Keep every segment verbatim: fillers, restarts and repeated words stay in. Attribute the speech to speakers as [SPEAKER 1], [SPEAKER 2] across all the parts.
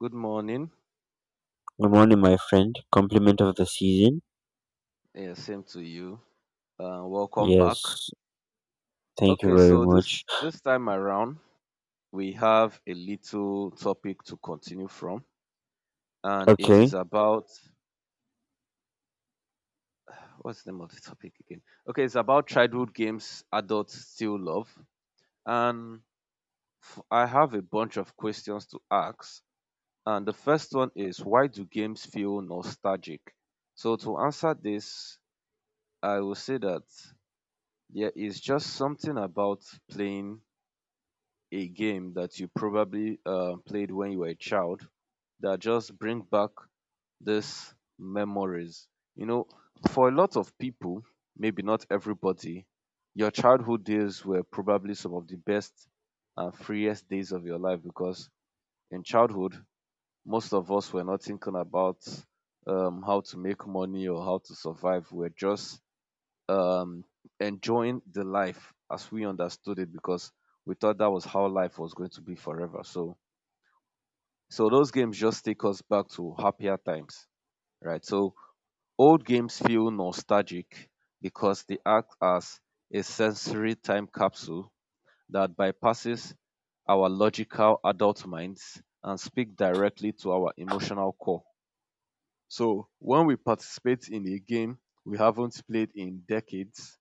[SPEAKER 1] Good morning.
[SPEAKER 2] Good morning, my friend. Compliment of the season.
[SPEAKER 1] Yeah, same to you. Uh, welcome back.
[SPEAKER 2] Yes, thank you
[SPEAKER 1] Okay,
[SPEAKER 2] very
[SPEAKER 1] so
[SPEAKER 2] much.
[SPEAKER 1] this this time around we have a little topic to continue from, and it is
[SPEAKER 2] Okay,
[SPEAKER 1] about what's the name of the topic again? Okay, it's about childhood games adults still love, and f- I have a bunch of questions to ask. And the first one is, why do games feel nostalgic? So to answer this, I will say that there is just something about playing a game that you probably uh, played when you were a child that just bring back these memories. You know, for a lot of people, maybe not everybody, your childhood days were probably some of the best and freest days of your life, because in childhood, most of us were not thinking about um, how to make money or how to survive. We're just um, enjoying the life as we understood it, because we thought that was how life was going to be forever. So, so those games just take us back to happier times, right? So old games feel nostalgic because they act as a sensory time capsule that bypasses our logical adult minds and speak directly to our emotional core. So when we participate in a game we haven't played in decades,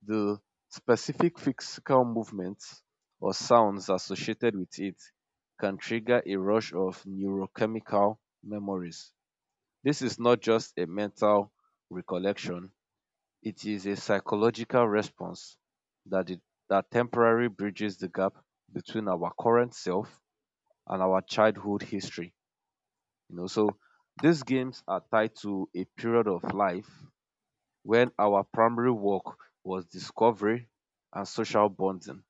[SPEAKER 1] the specific physical movements or sounds associated with it can trigger a rush of neurochemical memories. This is not just a mental recollection, it is a psychological response that, it, that temporarily bridges the gap between our current self and our childhood history. You know, so these games are tied to a period of life when our primary work was discovery and social bonding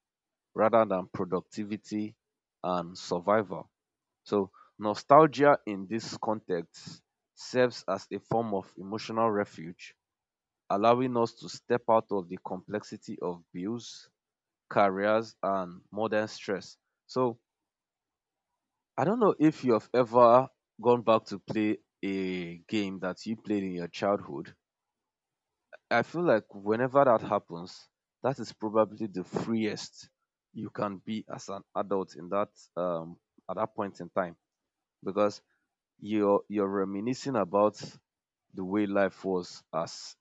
[SPEAKER 1] rather than productivity and survival. So nostalgia in this context serves as a form of emotional refuge, allowing us to step out of the complexity of bills, careers, and modern stress. So I don't know if you have ever gone back to play a game that you played in your childhood. I feel like whenever that happens, that is probably the freest you can be as an adult in that um at that point in time, because you're you're reminiscing about the way life was as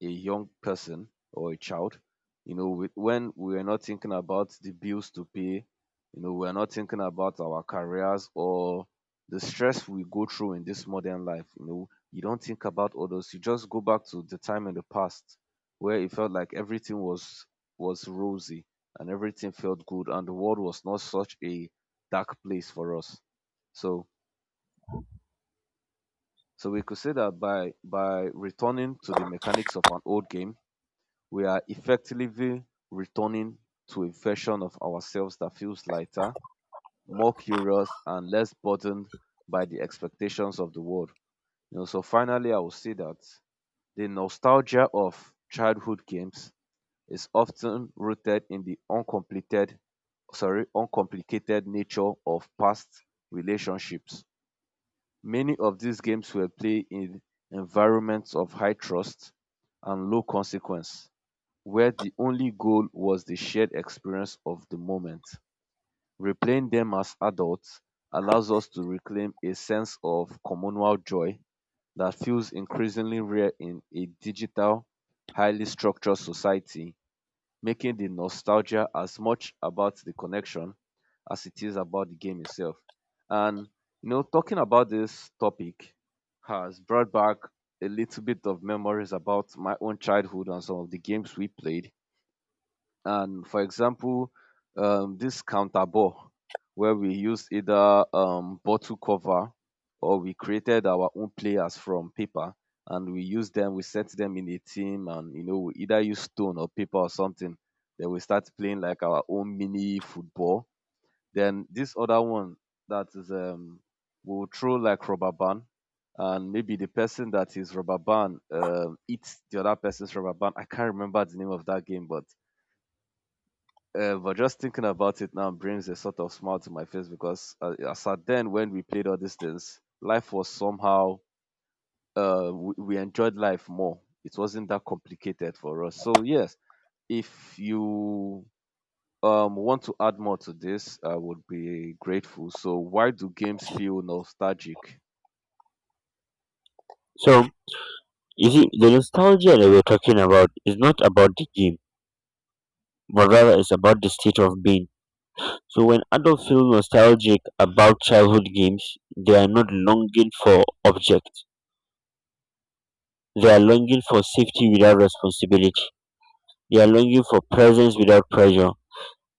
[SPEAKER 1] a young person or a child. You know, with, when we are not thinking about the bills to pay, you know, we are not thinking about our careers or the stress we go through in this modern life. You know, you don't think about all those. You just go back to the time in the past where it felt like everything was was rosy and everything felt good and the world was not such a dark place for us. So so we could say that by by returning to the mechanics of an old game, we are effectively returning to a version of ourselves that feels lighter, more curious, and less burdened by the expectations of the world. You know, so finally, I will say that the nostalgia of childhood games is often rooted in the uncompleted, sorry, uncomplicated nature of past relationships. Many of these games were played in environments of high trust and low consequence, where the only goal was the shared experience of the moment. Replaying them as adults allows us to reclaim a sense of communal joy that feels increasingly rare in a digital, highly structured society, making the nostalgia as much about the connection as it is about the game itself. And you know, talking about this topic has brought back a little bit of memories about my own childhood and some of the games we played. And for example, um, this counter ball where we used either um, bottle cover or we created our own players from paper, and we used them, we set them in a team, and you know we either use stone or paper or something. Then we start playing like our own mini football. Then this other one that is um we'll throw like rubber band, and maybe the person that is rubber band um eats the other person's rubber band. I can't remember the name of that game, but uh, but just thinking about it now brings a sort of smile to my face, because uh, as at then when we played all these things, life was somehow uh, we, we enjoyed life more. It wasn't that complicated for us. So yes, if you um, want to add more to this, I would be grateful. So why do games feel nostalgic?
[SPEAKER 2] so you see, the nostalgia that we're talking about is not about the game, but rather it's about the state of being. So when adults feel nostalgic about childhood games, they are not longing for objects. They are longing for safety without responsibility. They are longing for presence without pressure.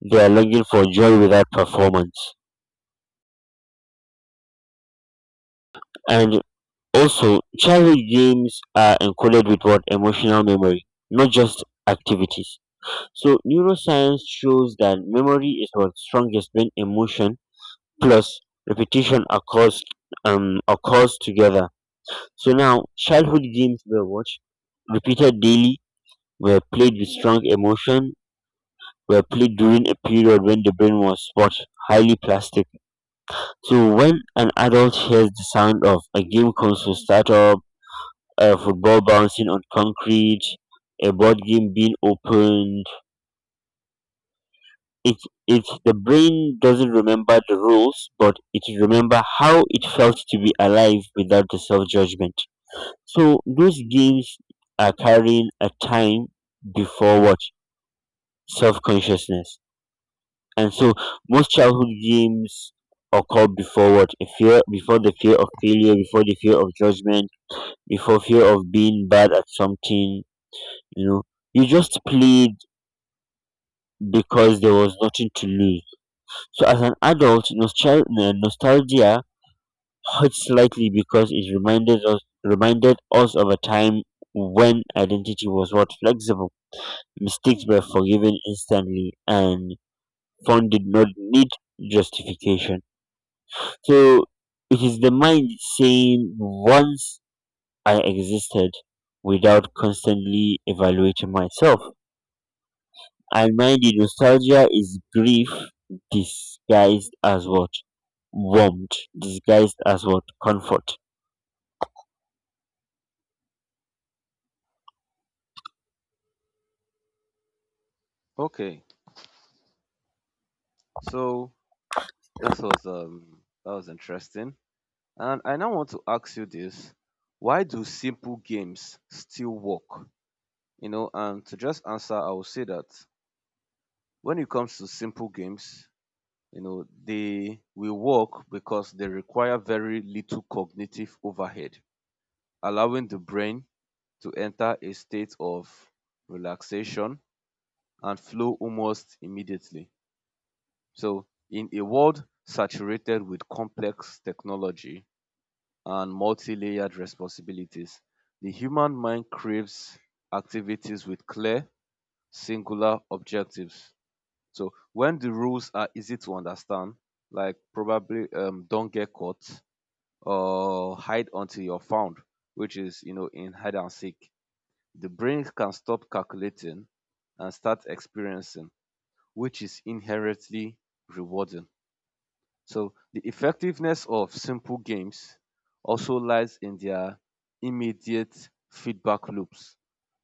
[SPEAKER 2] They are longing for joy without performance. And also, childhood games are encoded with what emotional memory, not just activities. So neuroscience shows that memory is what strongest when emotion plus repetition occurs um occurs together. So now childhood games were watched, repeated daily, were played with strong emotion, were played during a period when the brain was what highly plastic. So when an adult hears the sound of a game console startup, a football bouncing on concrete, a board game being opened, It it's the brain doesn't remember the rules, but it remember how it felt to be alive without the self judgment. So those games are carrying a time before what self consciousness, and so most childhood games occur before what a fear, before the fear of failure, before the fear of judgment, before fear of being bad at something. You know, you just played because there was nothing to lose. So as an adult, nostal- uh, nostalgia hurts slightly because it reminded us reminded us of a time when identity was what flexible, mistakes were forgiven instantly, and fun did not need justification. So it is the mind saying, "Once I existed." Without constantly evaluating myself. I mind you, nostalgia is grief disguised as what? Warmth, disguised as what? Comfort.
[SPEAKER 1] Okay, so that was um that was interesting, and I now want to ask you this: why do simple games still work? You know, and to just answer, I will say that when it comes to simple games, you know, they will work because they require very little cognitive overhead, allowing the brain to enter a state of relaxation and flow almost immediately. So in a world saturated with complex technology and multi layered responsibilities, the human mind craves activities with clear, singular objectives. So when the rules are easy to understand, like probably um, don't get caught or hide until you're found, which is you know in hide and seek, the brain can stop calculating and start experiencing, which is inherently rewarding. So the effectiveness of simple games also lies in their immediate feedback loops.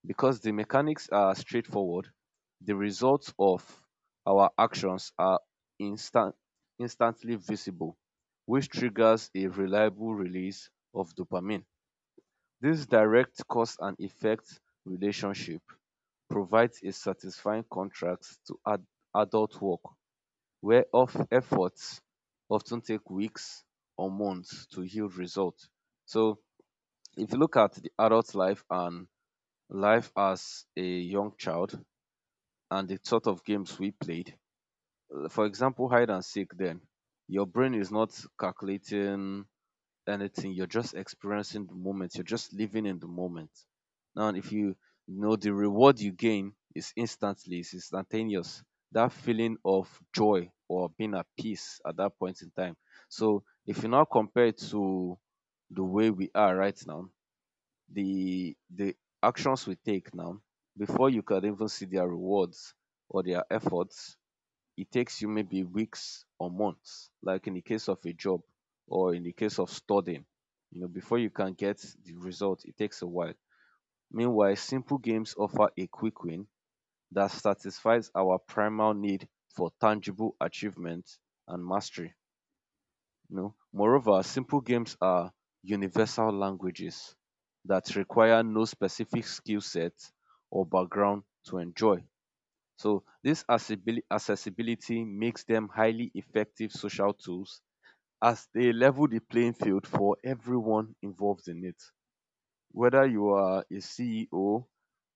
[SPEAKER 1] Because the mechanics are straightforward, the results of our actions are instant, instantly visible, which triggers a reliable release of dopamine. This direct cause and effect relationship provides a satisfying contrast to ad- adult work where whereof efforts often take weeks or months to yield results. So if you look at the adult life and life as a young child and the sort of games we played, uh, for example, hide and seek then, your brain is not calculating anything. You're just experiencing the moment. You're just living in the moment. Now, if you, you know the reward you gain is instantly, it's instantaneous. That feeling of joy or being at peace at that point in time. So if you now compare it to the way we are right now, the the actions we take now, before you can even see their rewards or their efforts, it takes you maybe weeks or months, like in the case of a job or in the case of studying. You know, before you can get the result, it takes a while. Meanwhile, simple games offer a quick win that satisfies our primal need for tangible achievement and mastery. You know, moreover, simple games are universal languages that require no specific skill set or background to enjoy. So this accessibili- accessibility makes them highly effective social tools, as they level the playing field for everyone involved in it. Whether you are a C E O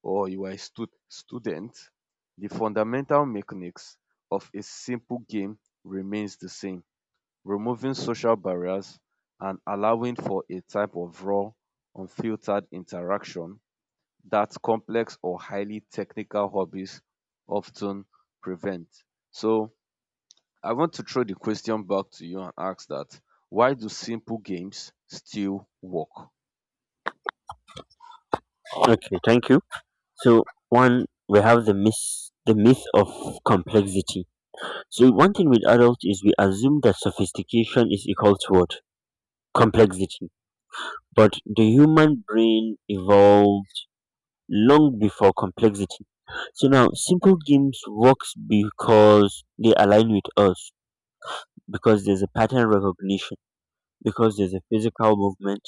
[SPEAKER 1] or you are a stu- student, the fundamental mechanics of a simple game remains the same, removing social barriers and allowing for a type of raw, unfiltered interaction that complex or highly technical hobbies often prevent. So I want to throw the question back to you and ask that, why do simple games still work?
[SPEAKER 2] Okay, thank you. So one, we have the myth, the myth of complexity. So one thing with adults is we assume that sophistication is equal to what? Complexity. But the human brain evolved long before complexity. So now simple games works because they align with us, because there's a pattern recognition, because there's a physical movement,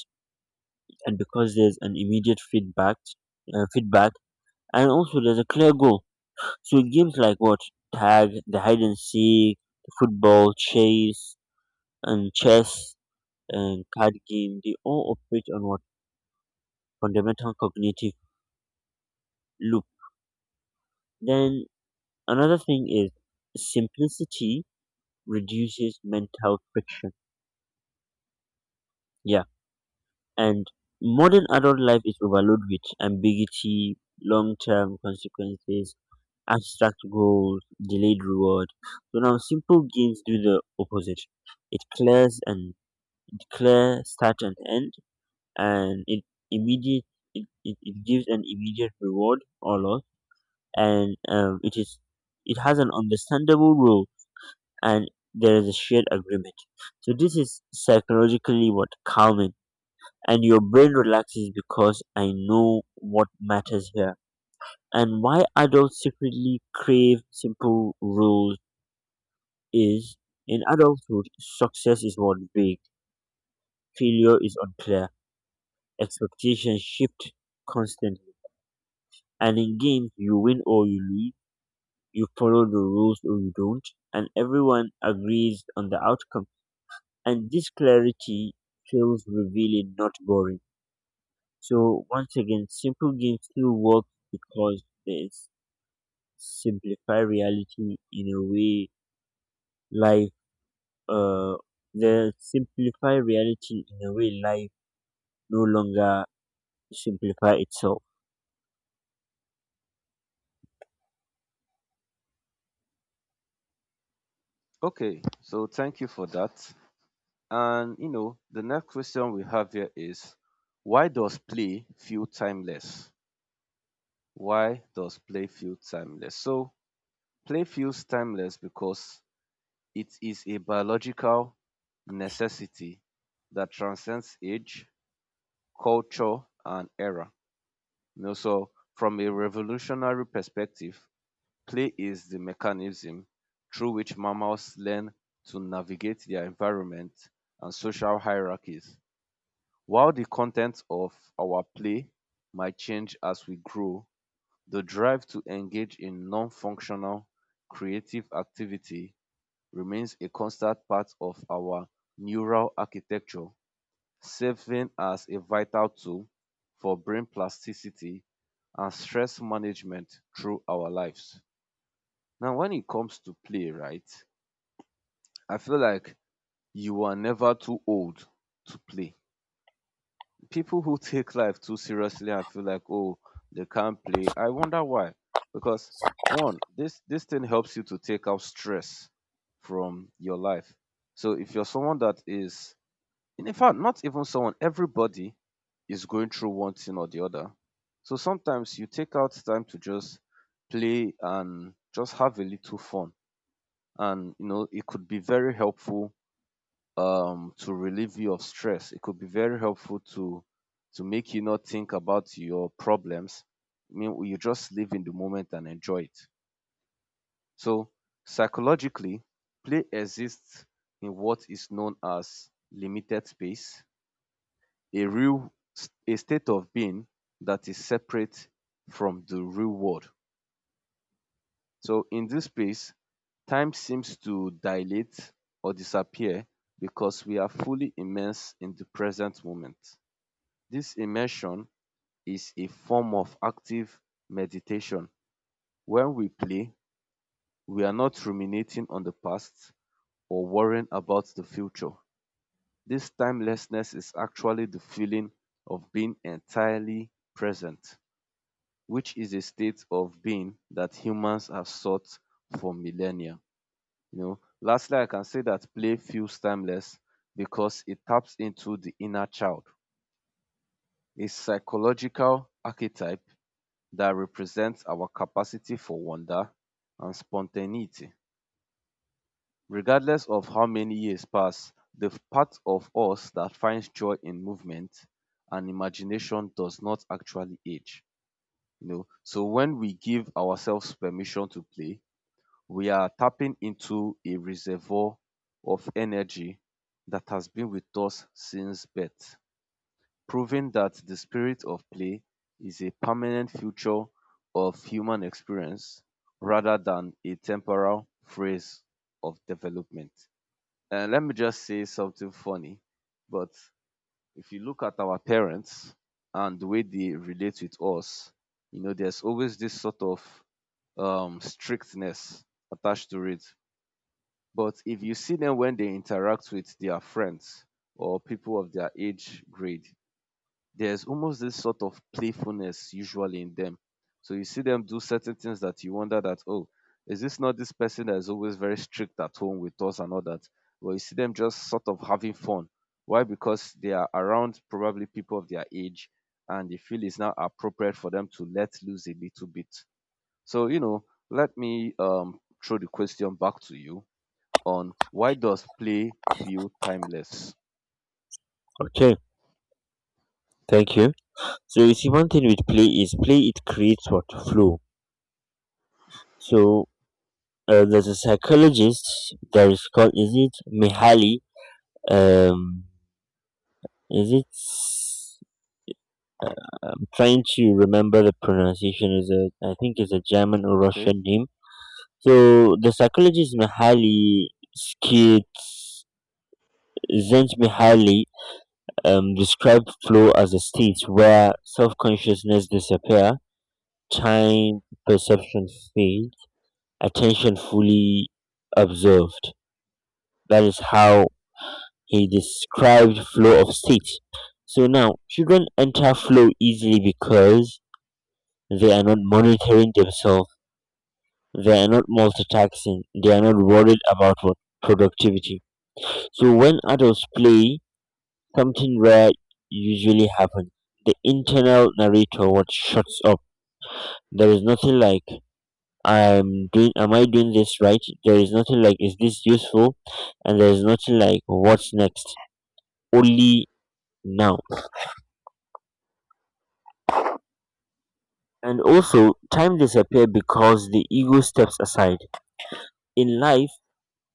[SPEAKER 2] and because there's an immediate feedback uh, feedback, and also there's a clear goal. So games like what tag, the hide and seek, the football chase, and chess, and card game, they all operate on what fundamental cognitive loop. Then another thing is simplicity reduces mental friction, yeah, and modern adult life is overloaded with ambiguity, long-term consequences, abstract goals, delayed reward. So now simple gains do the opposite. It clears and it clear start and end, and it immediate it, it, it gives an immediate reward or loss, and um, it is it has an understandable rule, and there is a shared agreement. So this is psychologically what calming, and your brain relaxes because I know what matters here. And why adults secretly crave simple rules is in adulthood, success is more vague, failure is unclear, expectations shift constantly. And in games, you win or you lose, you follow the rules or you don't, and everyone agrees on the outcome. And this clarity feels revealing, not boring. So, once again, simple games still work because they s- simplify reality in a way life, uh, they simplify reality in a way life no longer simplify itself.
[SPEAKER 1] Okay, so thank you for that. And you know, the next question we have here is, why does play feel timeless? Why does play feel timeless? So play feels timeless because it is a biological necessity that transcends age, culture, and era. You know, so from a revolutionary perspective, play is the mechanism through which mammals learn to navigate their environment and social hierarchies. While the content of our play might change as we grow, the drive to engage in non functional creative activity remains a constant part of our neural architecture, serving as a vital tool for brain plasticity and stress management through our lives. Now, when it comes to play, right, I feel like you are never too old to play. People who take life too seriously and feel like, oh, they can't play, I wonder why. Because one, this this thing helps you to take out stress from your life. So if you're someone that is, in fact, not even someone, everybody is going through one thing or the other, so sometimes you take out time to just play and just have a little fun, and you know it could be very helpful um to relieve you of stress. It could be very helpful to to make you not think about your problems. I mean, you just live in the moment and enjoy it. So psychologically, play exists in what is known as limited space, a real, a state of being that is separate from the real world. So in this space, time seems to dilate or disappear because we are fully immersed in the present moment. This immersion is a form of active meditation. When we play, we are not ruminating on the past or worrying about the future. This timelessness is actually the feeling of being entirely present, which is a state of being that humans have sought for millennia. You know, lastly, I can say that play feels timeless because it taps into the inner child, a psychological archetype that represents our capacity for wonder and spontaneity. Regardless of how many years pass, the part of us that finds joy in movement and imagination does not actually age. You know, so when we give ourselves permission to play, we are tapping into a reservoir of energy that has been with us since birth, proving that the spirit of play is a permanent feature of human experience rather than a temporal phase of development. And let me just say something funny, but if you look at our parents and the way they relate with us, you know, there's always this sort of um, strictness attached to it. But if you see them when they interact with their friends or people of their age grade, there's almost this sort of playfulness usually in them. So you see them do certain things that you wonder that, oh, is this not this person that is always very strict at home with us and all that? Well, you see them just sort of having fun. Why? Because they are around probably people of their age and they feel it's now appropriate for them to let loose a little bit. So, you know, let me um, throw the question back to you on why does play feel timeless?
[SPEAKER 2] Okay, thank you. So you see, one thing with play is play it creates what flow. So uh, there's a psychologist that is called, is it Mihaly? Um, is it? I'm trying to remember the pronunciation. Is a I think it's a German or
[SPEAKER 1] Okay.
[SPEAKER 2] Russian name. So the psychologist Mihaly Skits Mihaly um, described flow as a state where self consciousness disappear, time perception fades, attention fully observed. That is how he described flow of states. So now children enter flow easily because they are not monitoring themselves, they are not multitasking, they are not worried about what productivity. So when adults play, something rare usually happens. The internal narrator what shuts up. There is nothing like I'm doing am I doing this right, there is nothing like is this useful, and there's nothing like what's next, only now. And also time disappears because the ego steps aside in life,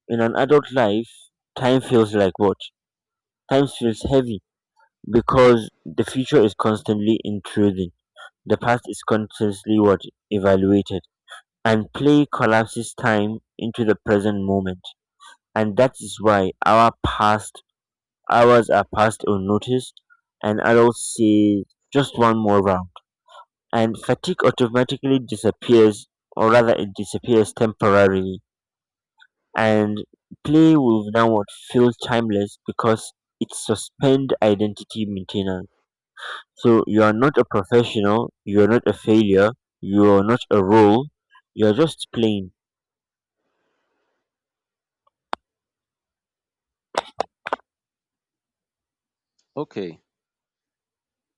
[SPEAKER 2] in an adult life, time feels like what, time feels heavy because the future is constantly intruding, the past is constantly what evaluated, and play collapses time into the present moment. And that is why our past hours are passed unnoticed, and adults say just one more round, and fatigue automatically disappears, or rather, it disappears temporarily. And play will now feel timeless because it suspends identity maintenance. So you are not a professional, you are not a failure, you are not a role, you are just playing.
[SPEAKER 1] Okay.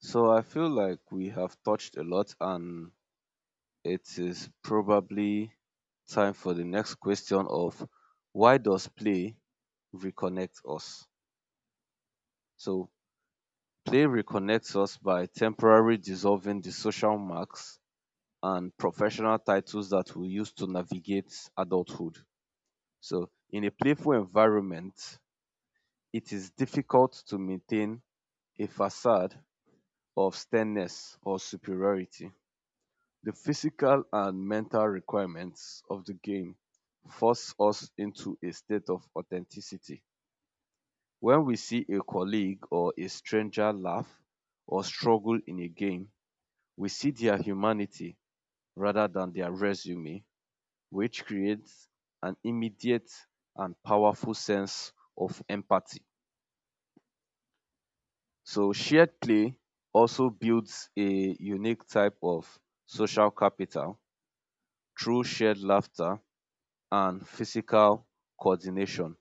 [SPEAKER 1] So I feel like we have touched a lot and it is probably time for the next question of why does play reconnect us? So play reconnects us by temporarily dissolving the social marks and professional titles that we use to navigate adulthood. So in a playful environment, it is difficult to maintain a facade of sternness or superiority, the physical and mental requirements of the game force us into a state of authenticity. When we see a colleague or a stranger laugh or struggle in a game, we see their humanity rather than their resume, which creates an immediate and powerful sense of empathy. So, shared play also builds a unique type of social capital through shared laughter and physical coordination.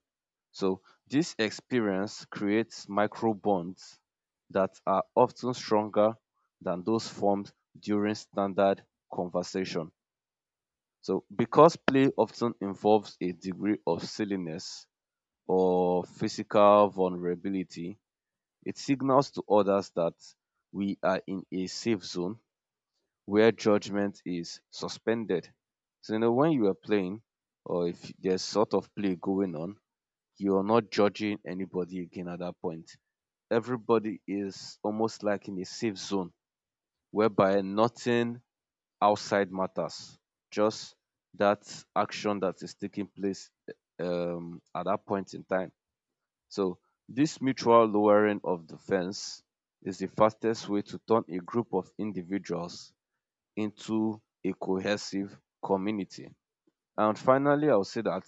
[SPEAKER 1] So, this experience creates micro bonds that are often stronger than those formed during standard conversation. So, because play often involves a degree of silliness or physical vulnerability, it signals to others that we are in a safe zone where judgment is suspended. So, you know, when you are playing or if there's sort of play going on, you are not judging anybody again at that point. Everybody is almost like in a safe zone whereby nothing outside matters, just that action that is taking place um, at that point in time. So, this mutual lowering of the fence is the fastest way to turn a group of individuals into a cohesive community. And finally, I'll say that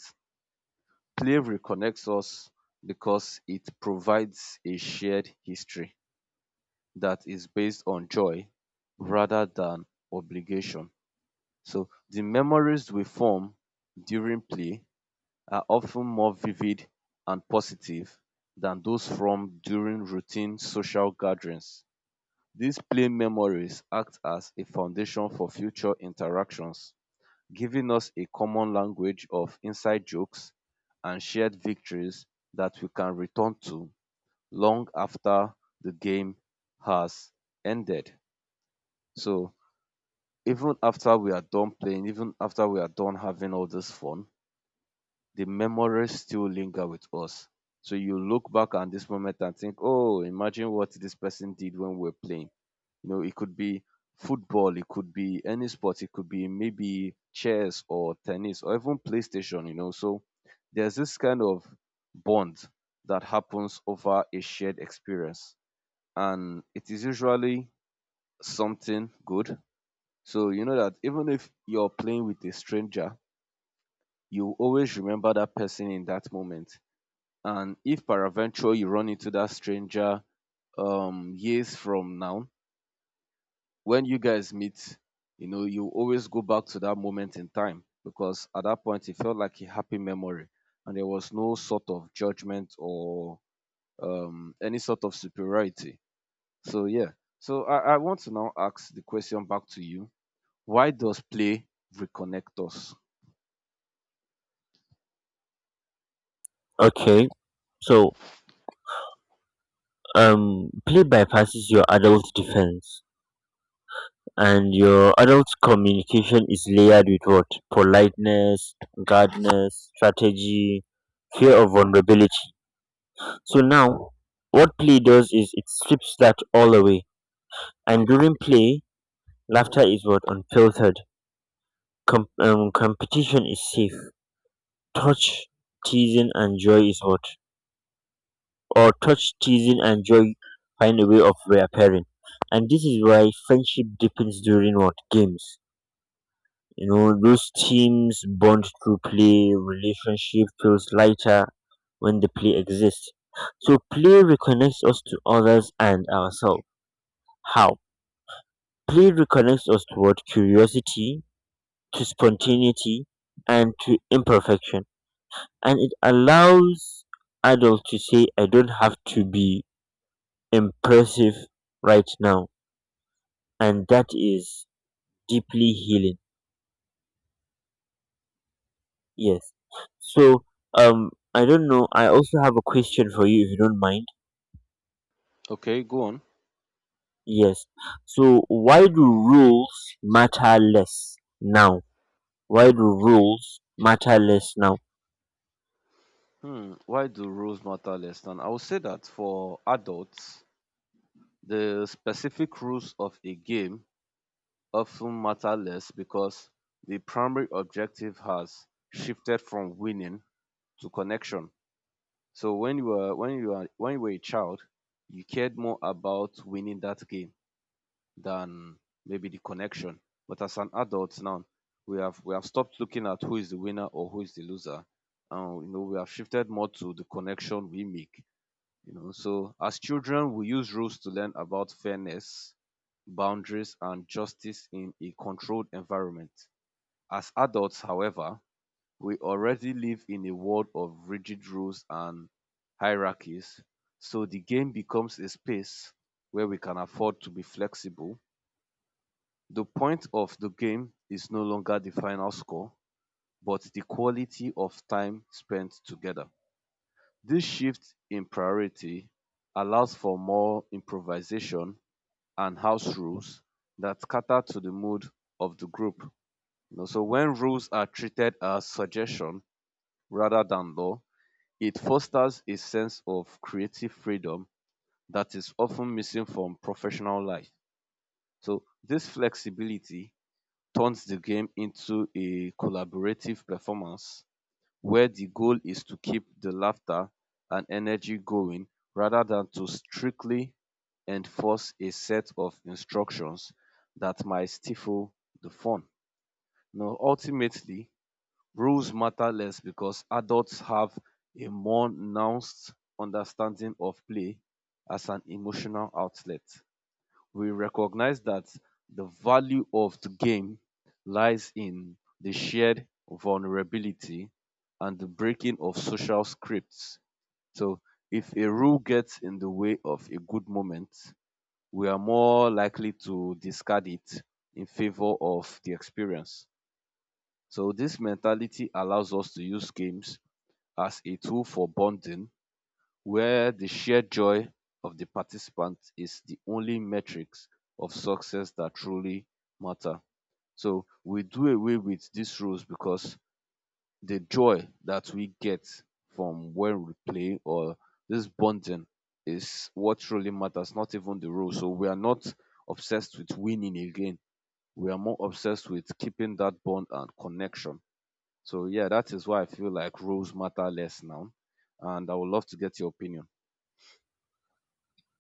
[SPEAKER 1] slavery connects us because it provides a shared history that is based on joy rather than obligation. So the memories we form during play are often more vivid and positive than those formed during routine social gatherings. These play memories act as a foundation for future interactions giving us a common language of inside jokes and shared victories that we can return to long after the game has ended. So even after we are done playing, even after we are done having all this fun, the memories still linger with us. So you look back at this moment and think, oh, imagine what this person did when we were playing. You know, it could be football, it could be any sport, it could be maybe chess or tennis or even PlayStation, you know. So there's this kind of bond that happens over a shared experience. And it is usually something good. So you know that even if you're playing with a stranger, you always remember that person in that moment. And if peradventure you run into that stranger um years from now, when you guys meet, you know, you always go back to that moment in time because at that point it felt like a happy memory and there was no sort of judgment or um, any sort of superiority. So, yeah. So, I, I want to now ask the question back to you. Why does play reconnect us?
[SPEAKER 2] Okay, so um, play bypasses your adult defense, and your adult communication is layered with what politeness, guardedness, strategy, fear of vulnerability. So now what play does is it strips that all away, and during play laughter is what unfiltered. Com- um, competition is safe, touch teasing and joy is what or touch, teasing and joy find a way of reappearing. And this is why friendship deepens during what games. You know, those teams bond through play, relationship feels lighter when the play exists. So play reconnects us to others and ourselves. How? Play reconnects us toward curiosity, to spontaneity, and to imperfection. And it allows adults to say, I don't have to be impressive right now. And that is deeply healing. Yes. So, um, I don't know. I also have a question for you, if you don't mind.
[SPEAKER 1] Okay, go on.
[SPEAKER 2] Yes. So, why do rules matter less now? Why do rules matter less now?
[SPEAKER 1] Hmm, why do rules matter less than? I would say that for adults, the specific rules of a game often matter less because the primary objective has shifted from winning to connection. So when you were when you were when you were a child, you cared more about winning that game than maybe the connection. But as an adult now, we have we have stopped looking at who is the winner or who is the loser, and you know we have shifted more to the connection we make. You know, so as children, we use rules to learn about fairness, boundaries, and justice in a controlled environment. As adults, however, we already live in a world of rigid rules and hierarchies, so the game becomes a space where we can afford to be flexible. The point of the game is no longer the final score, but the quality of time spent together. This shift in priority allows for more improvisation and house rules that cater to the mood of the group. You know, so when rules are treated as suggestion rather than law, it fosters a sense of creative freedom that is often missing from professional life. So this flexibility turns the game into a collaborative performance where the goal is to keep the laughter and energy going rather than to strictly enforce a set of instructions that might stifle the fun. Now, ultimately, rules matter less because adults have a more nuanced understanding of play as an emotional outlet. We recognize that the value of the game lies in the shared vulnerability and the breaking of social scripts. So, if a rule gets in the way of a good moment, we are more likely to discard it in favor of the experience. So, this mentality allows us to use games as a tool for bonding where the shared joy of the participants is the only metrics of success that truly matter. So we do away with these rules because the joy that we get from when we play or this bonding is what truly matters, not even the rules. So we are not obsessed with winning again. We are more obsessed with keeping that bond and connection. So yeah, that is why I feel like rules matter less now. And I would love to get your opinion.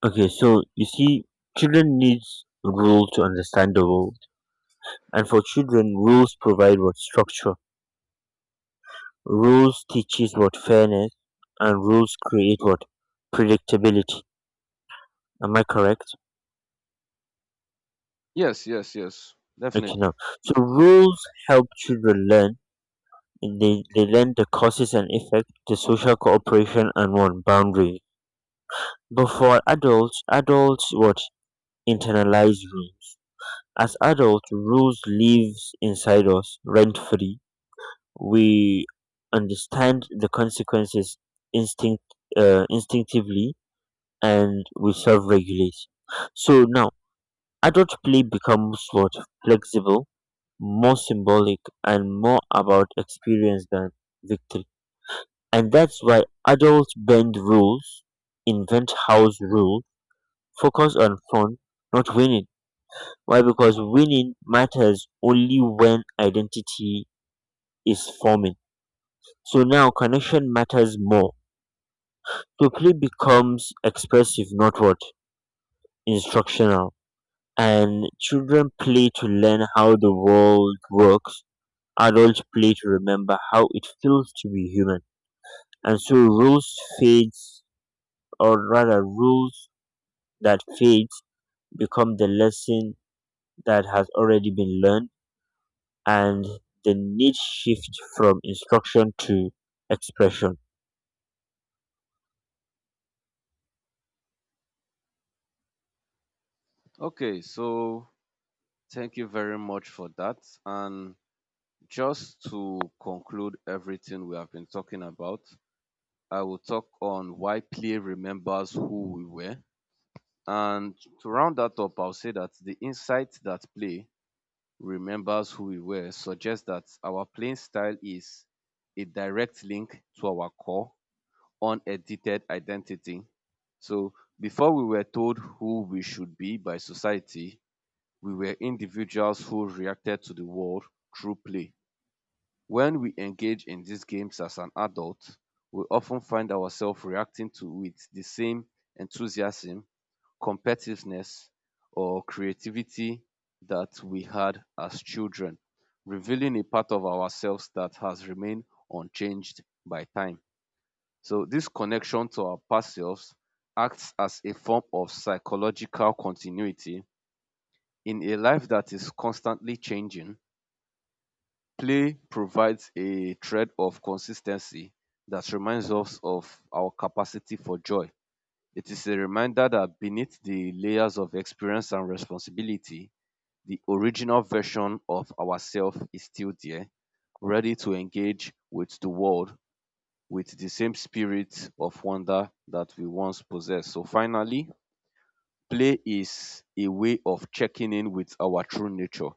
[SPEAKER 2] Okay, so you see, children needs rules to understand the world, and for children, rules provide what structure. Rules teaches what fairness, and rules create what predictability. Am I correct?
[SPEAKER 1] Yes, yes, yes,
[SPEAKER 2] Okay, now,
[SPEAKER 1] definitely.
[SPEAKER 2] so rules help children learn. They, they learn the causes and effect, the social cooperation and one boundary. But for adults, adults what internalize rules. As adults, rules lives inside us, rent free. We understand the consequences instinct uh, instinctively, and we self-regulate. So now, adult play becomes what flexible, more symbolic, and more about experience than victory. And that's why adults bend rules, invent house rules, focus on fun, not winning. Why? Because winning matters only when identity is forming. So now connection matters more. So play becomes expressive, not what? Instructional. And children play to learn how the world works. Adults play to remember how it feels to be human. And so rules fades, or rather rules that fades become the lesson that has already been learned, and the need shift from instruction to expression.
[SPEAKER 1] Okay, so thank you very much for that. And just to conclude everything we have been talking about, I will talk on why play remembers who we were. And to round that up, I'll say that the insight that play remembers who we were suggests that our playing style is a direct link to our core, unedited identity. So before we were told who we should be by society, we were individuals who reacted to the world through play. When we engage in these games as an adult, we often find ourselves reacting to it the same enthusiasm, competitiveness, or creativity that we had as children, revealing a part of ourselves that has remained unchanged by time. So, this connection to our past selves acts as a form of psychological continuity in a life that is constantly changing, play provides a thread of consistency that reminds us of our capacity for joy. It is a reminder that beneath the layers of experience and responsibility, the original version of ourselves is still there, ready to engage with the world with the same spirit of wonder that we once possessed. So, finally, play is a way of checking in with our true nature.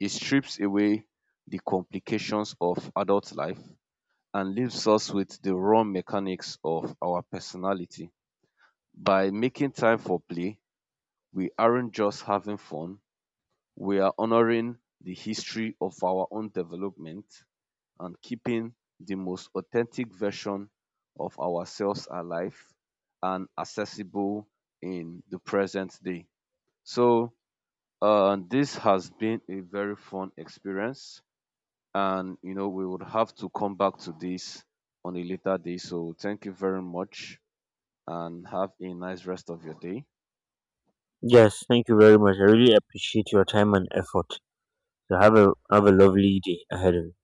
[SPEAKER 1] It strips away the complications of adult life and leaves us with the raw mechanics of our personality. By making time for play, we aren't just having fun, we are honoring the history of our own development and keeping the most authentic version of ourselves alive and accessible in the present day. So, uh, this has been a very fun experience. And you know we would have to come back to this on a later day. So thank you very much and have a nice rest of your day.
[SPEAKER 2] Yes, thank you very much. I really appreciate your time and effort. So have a have a lovely day ahead of you.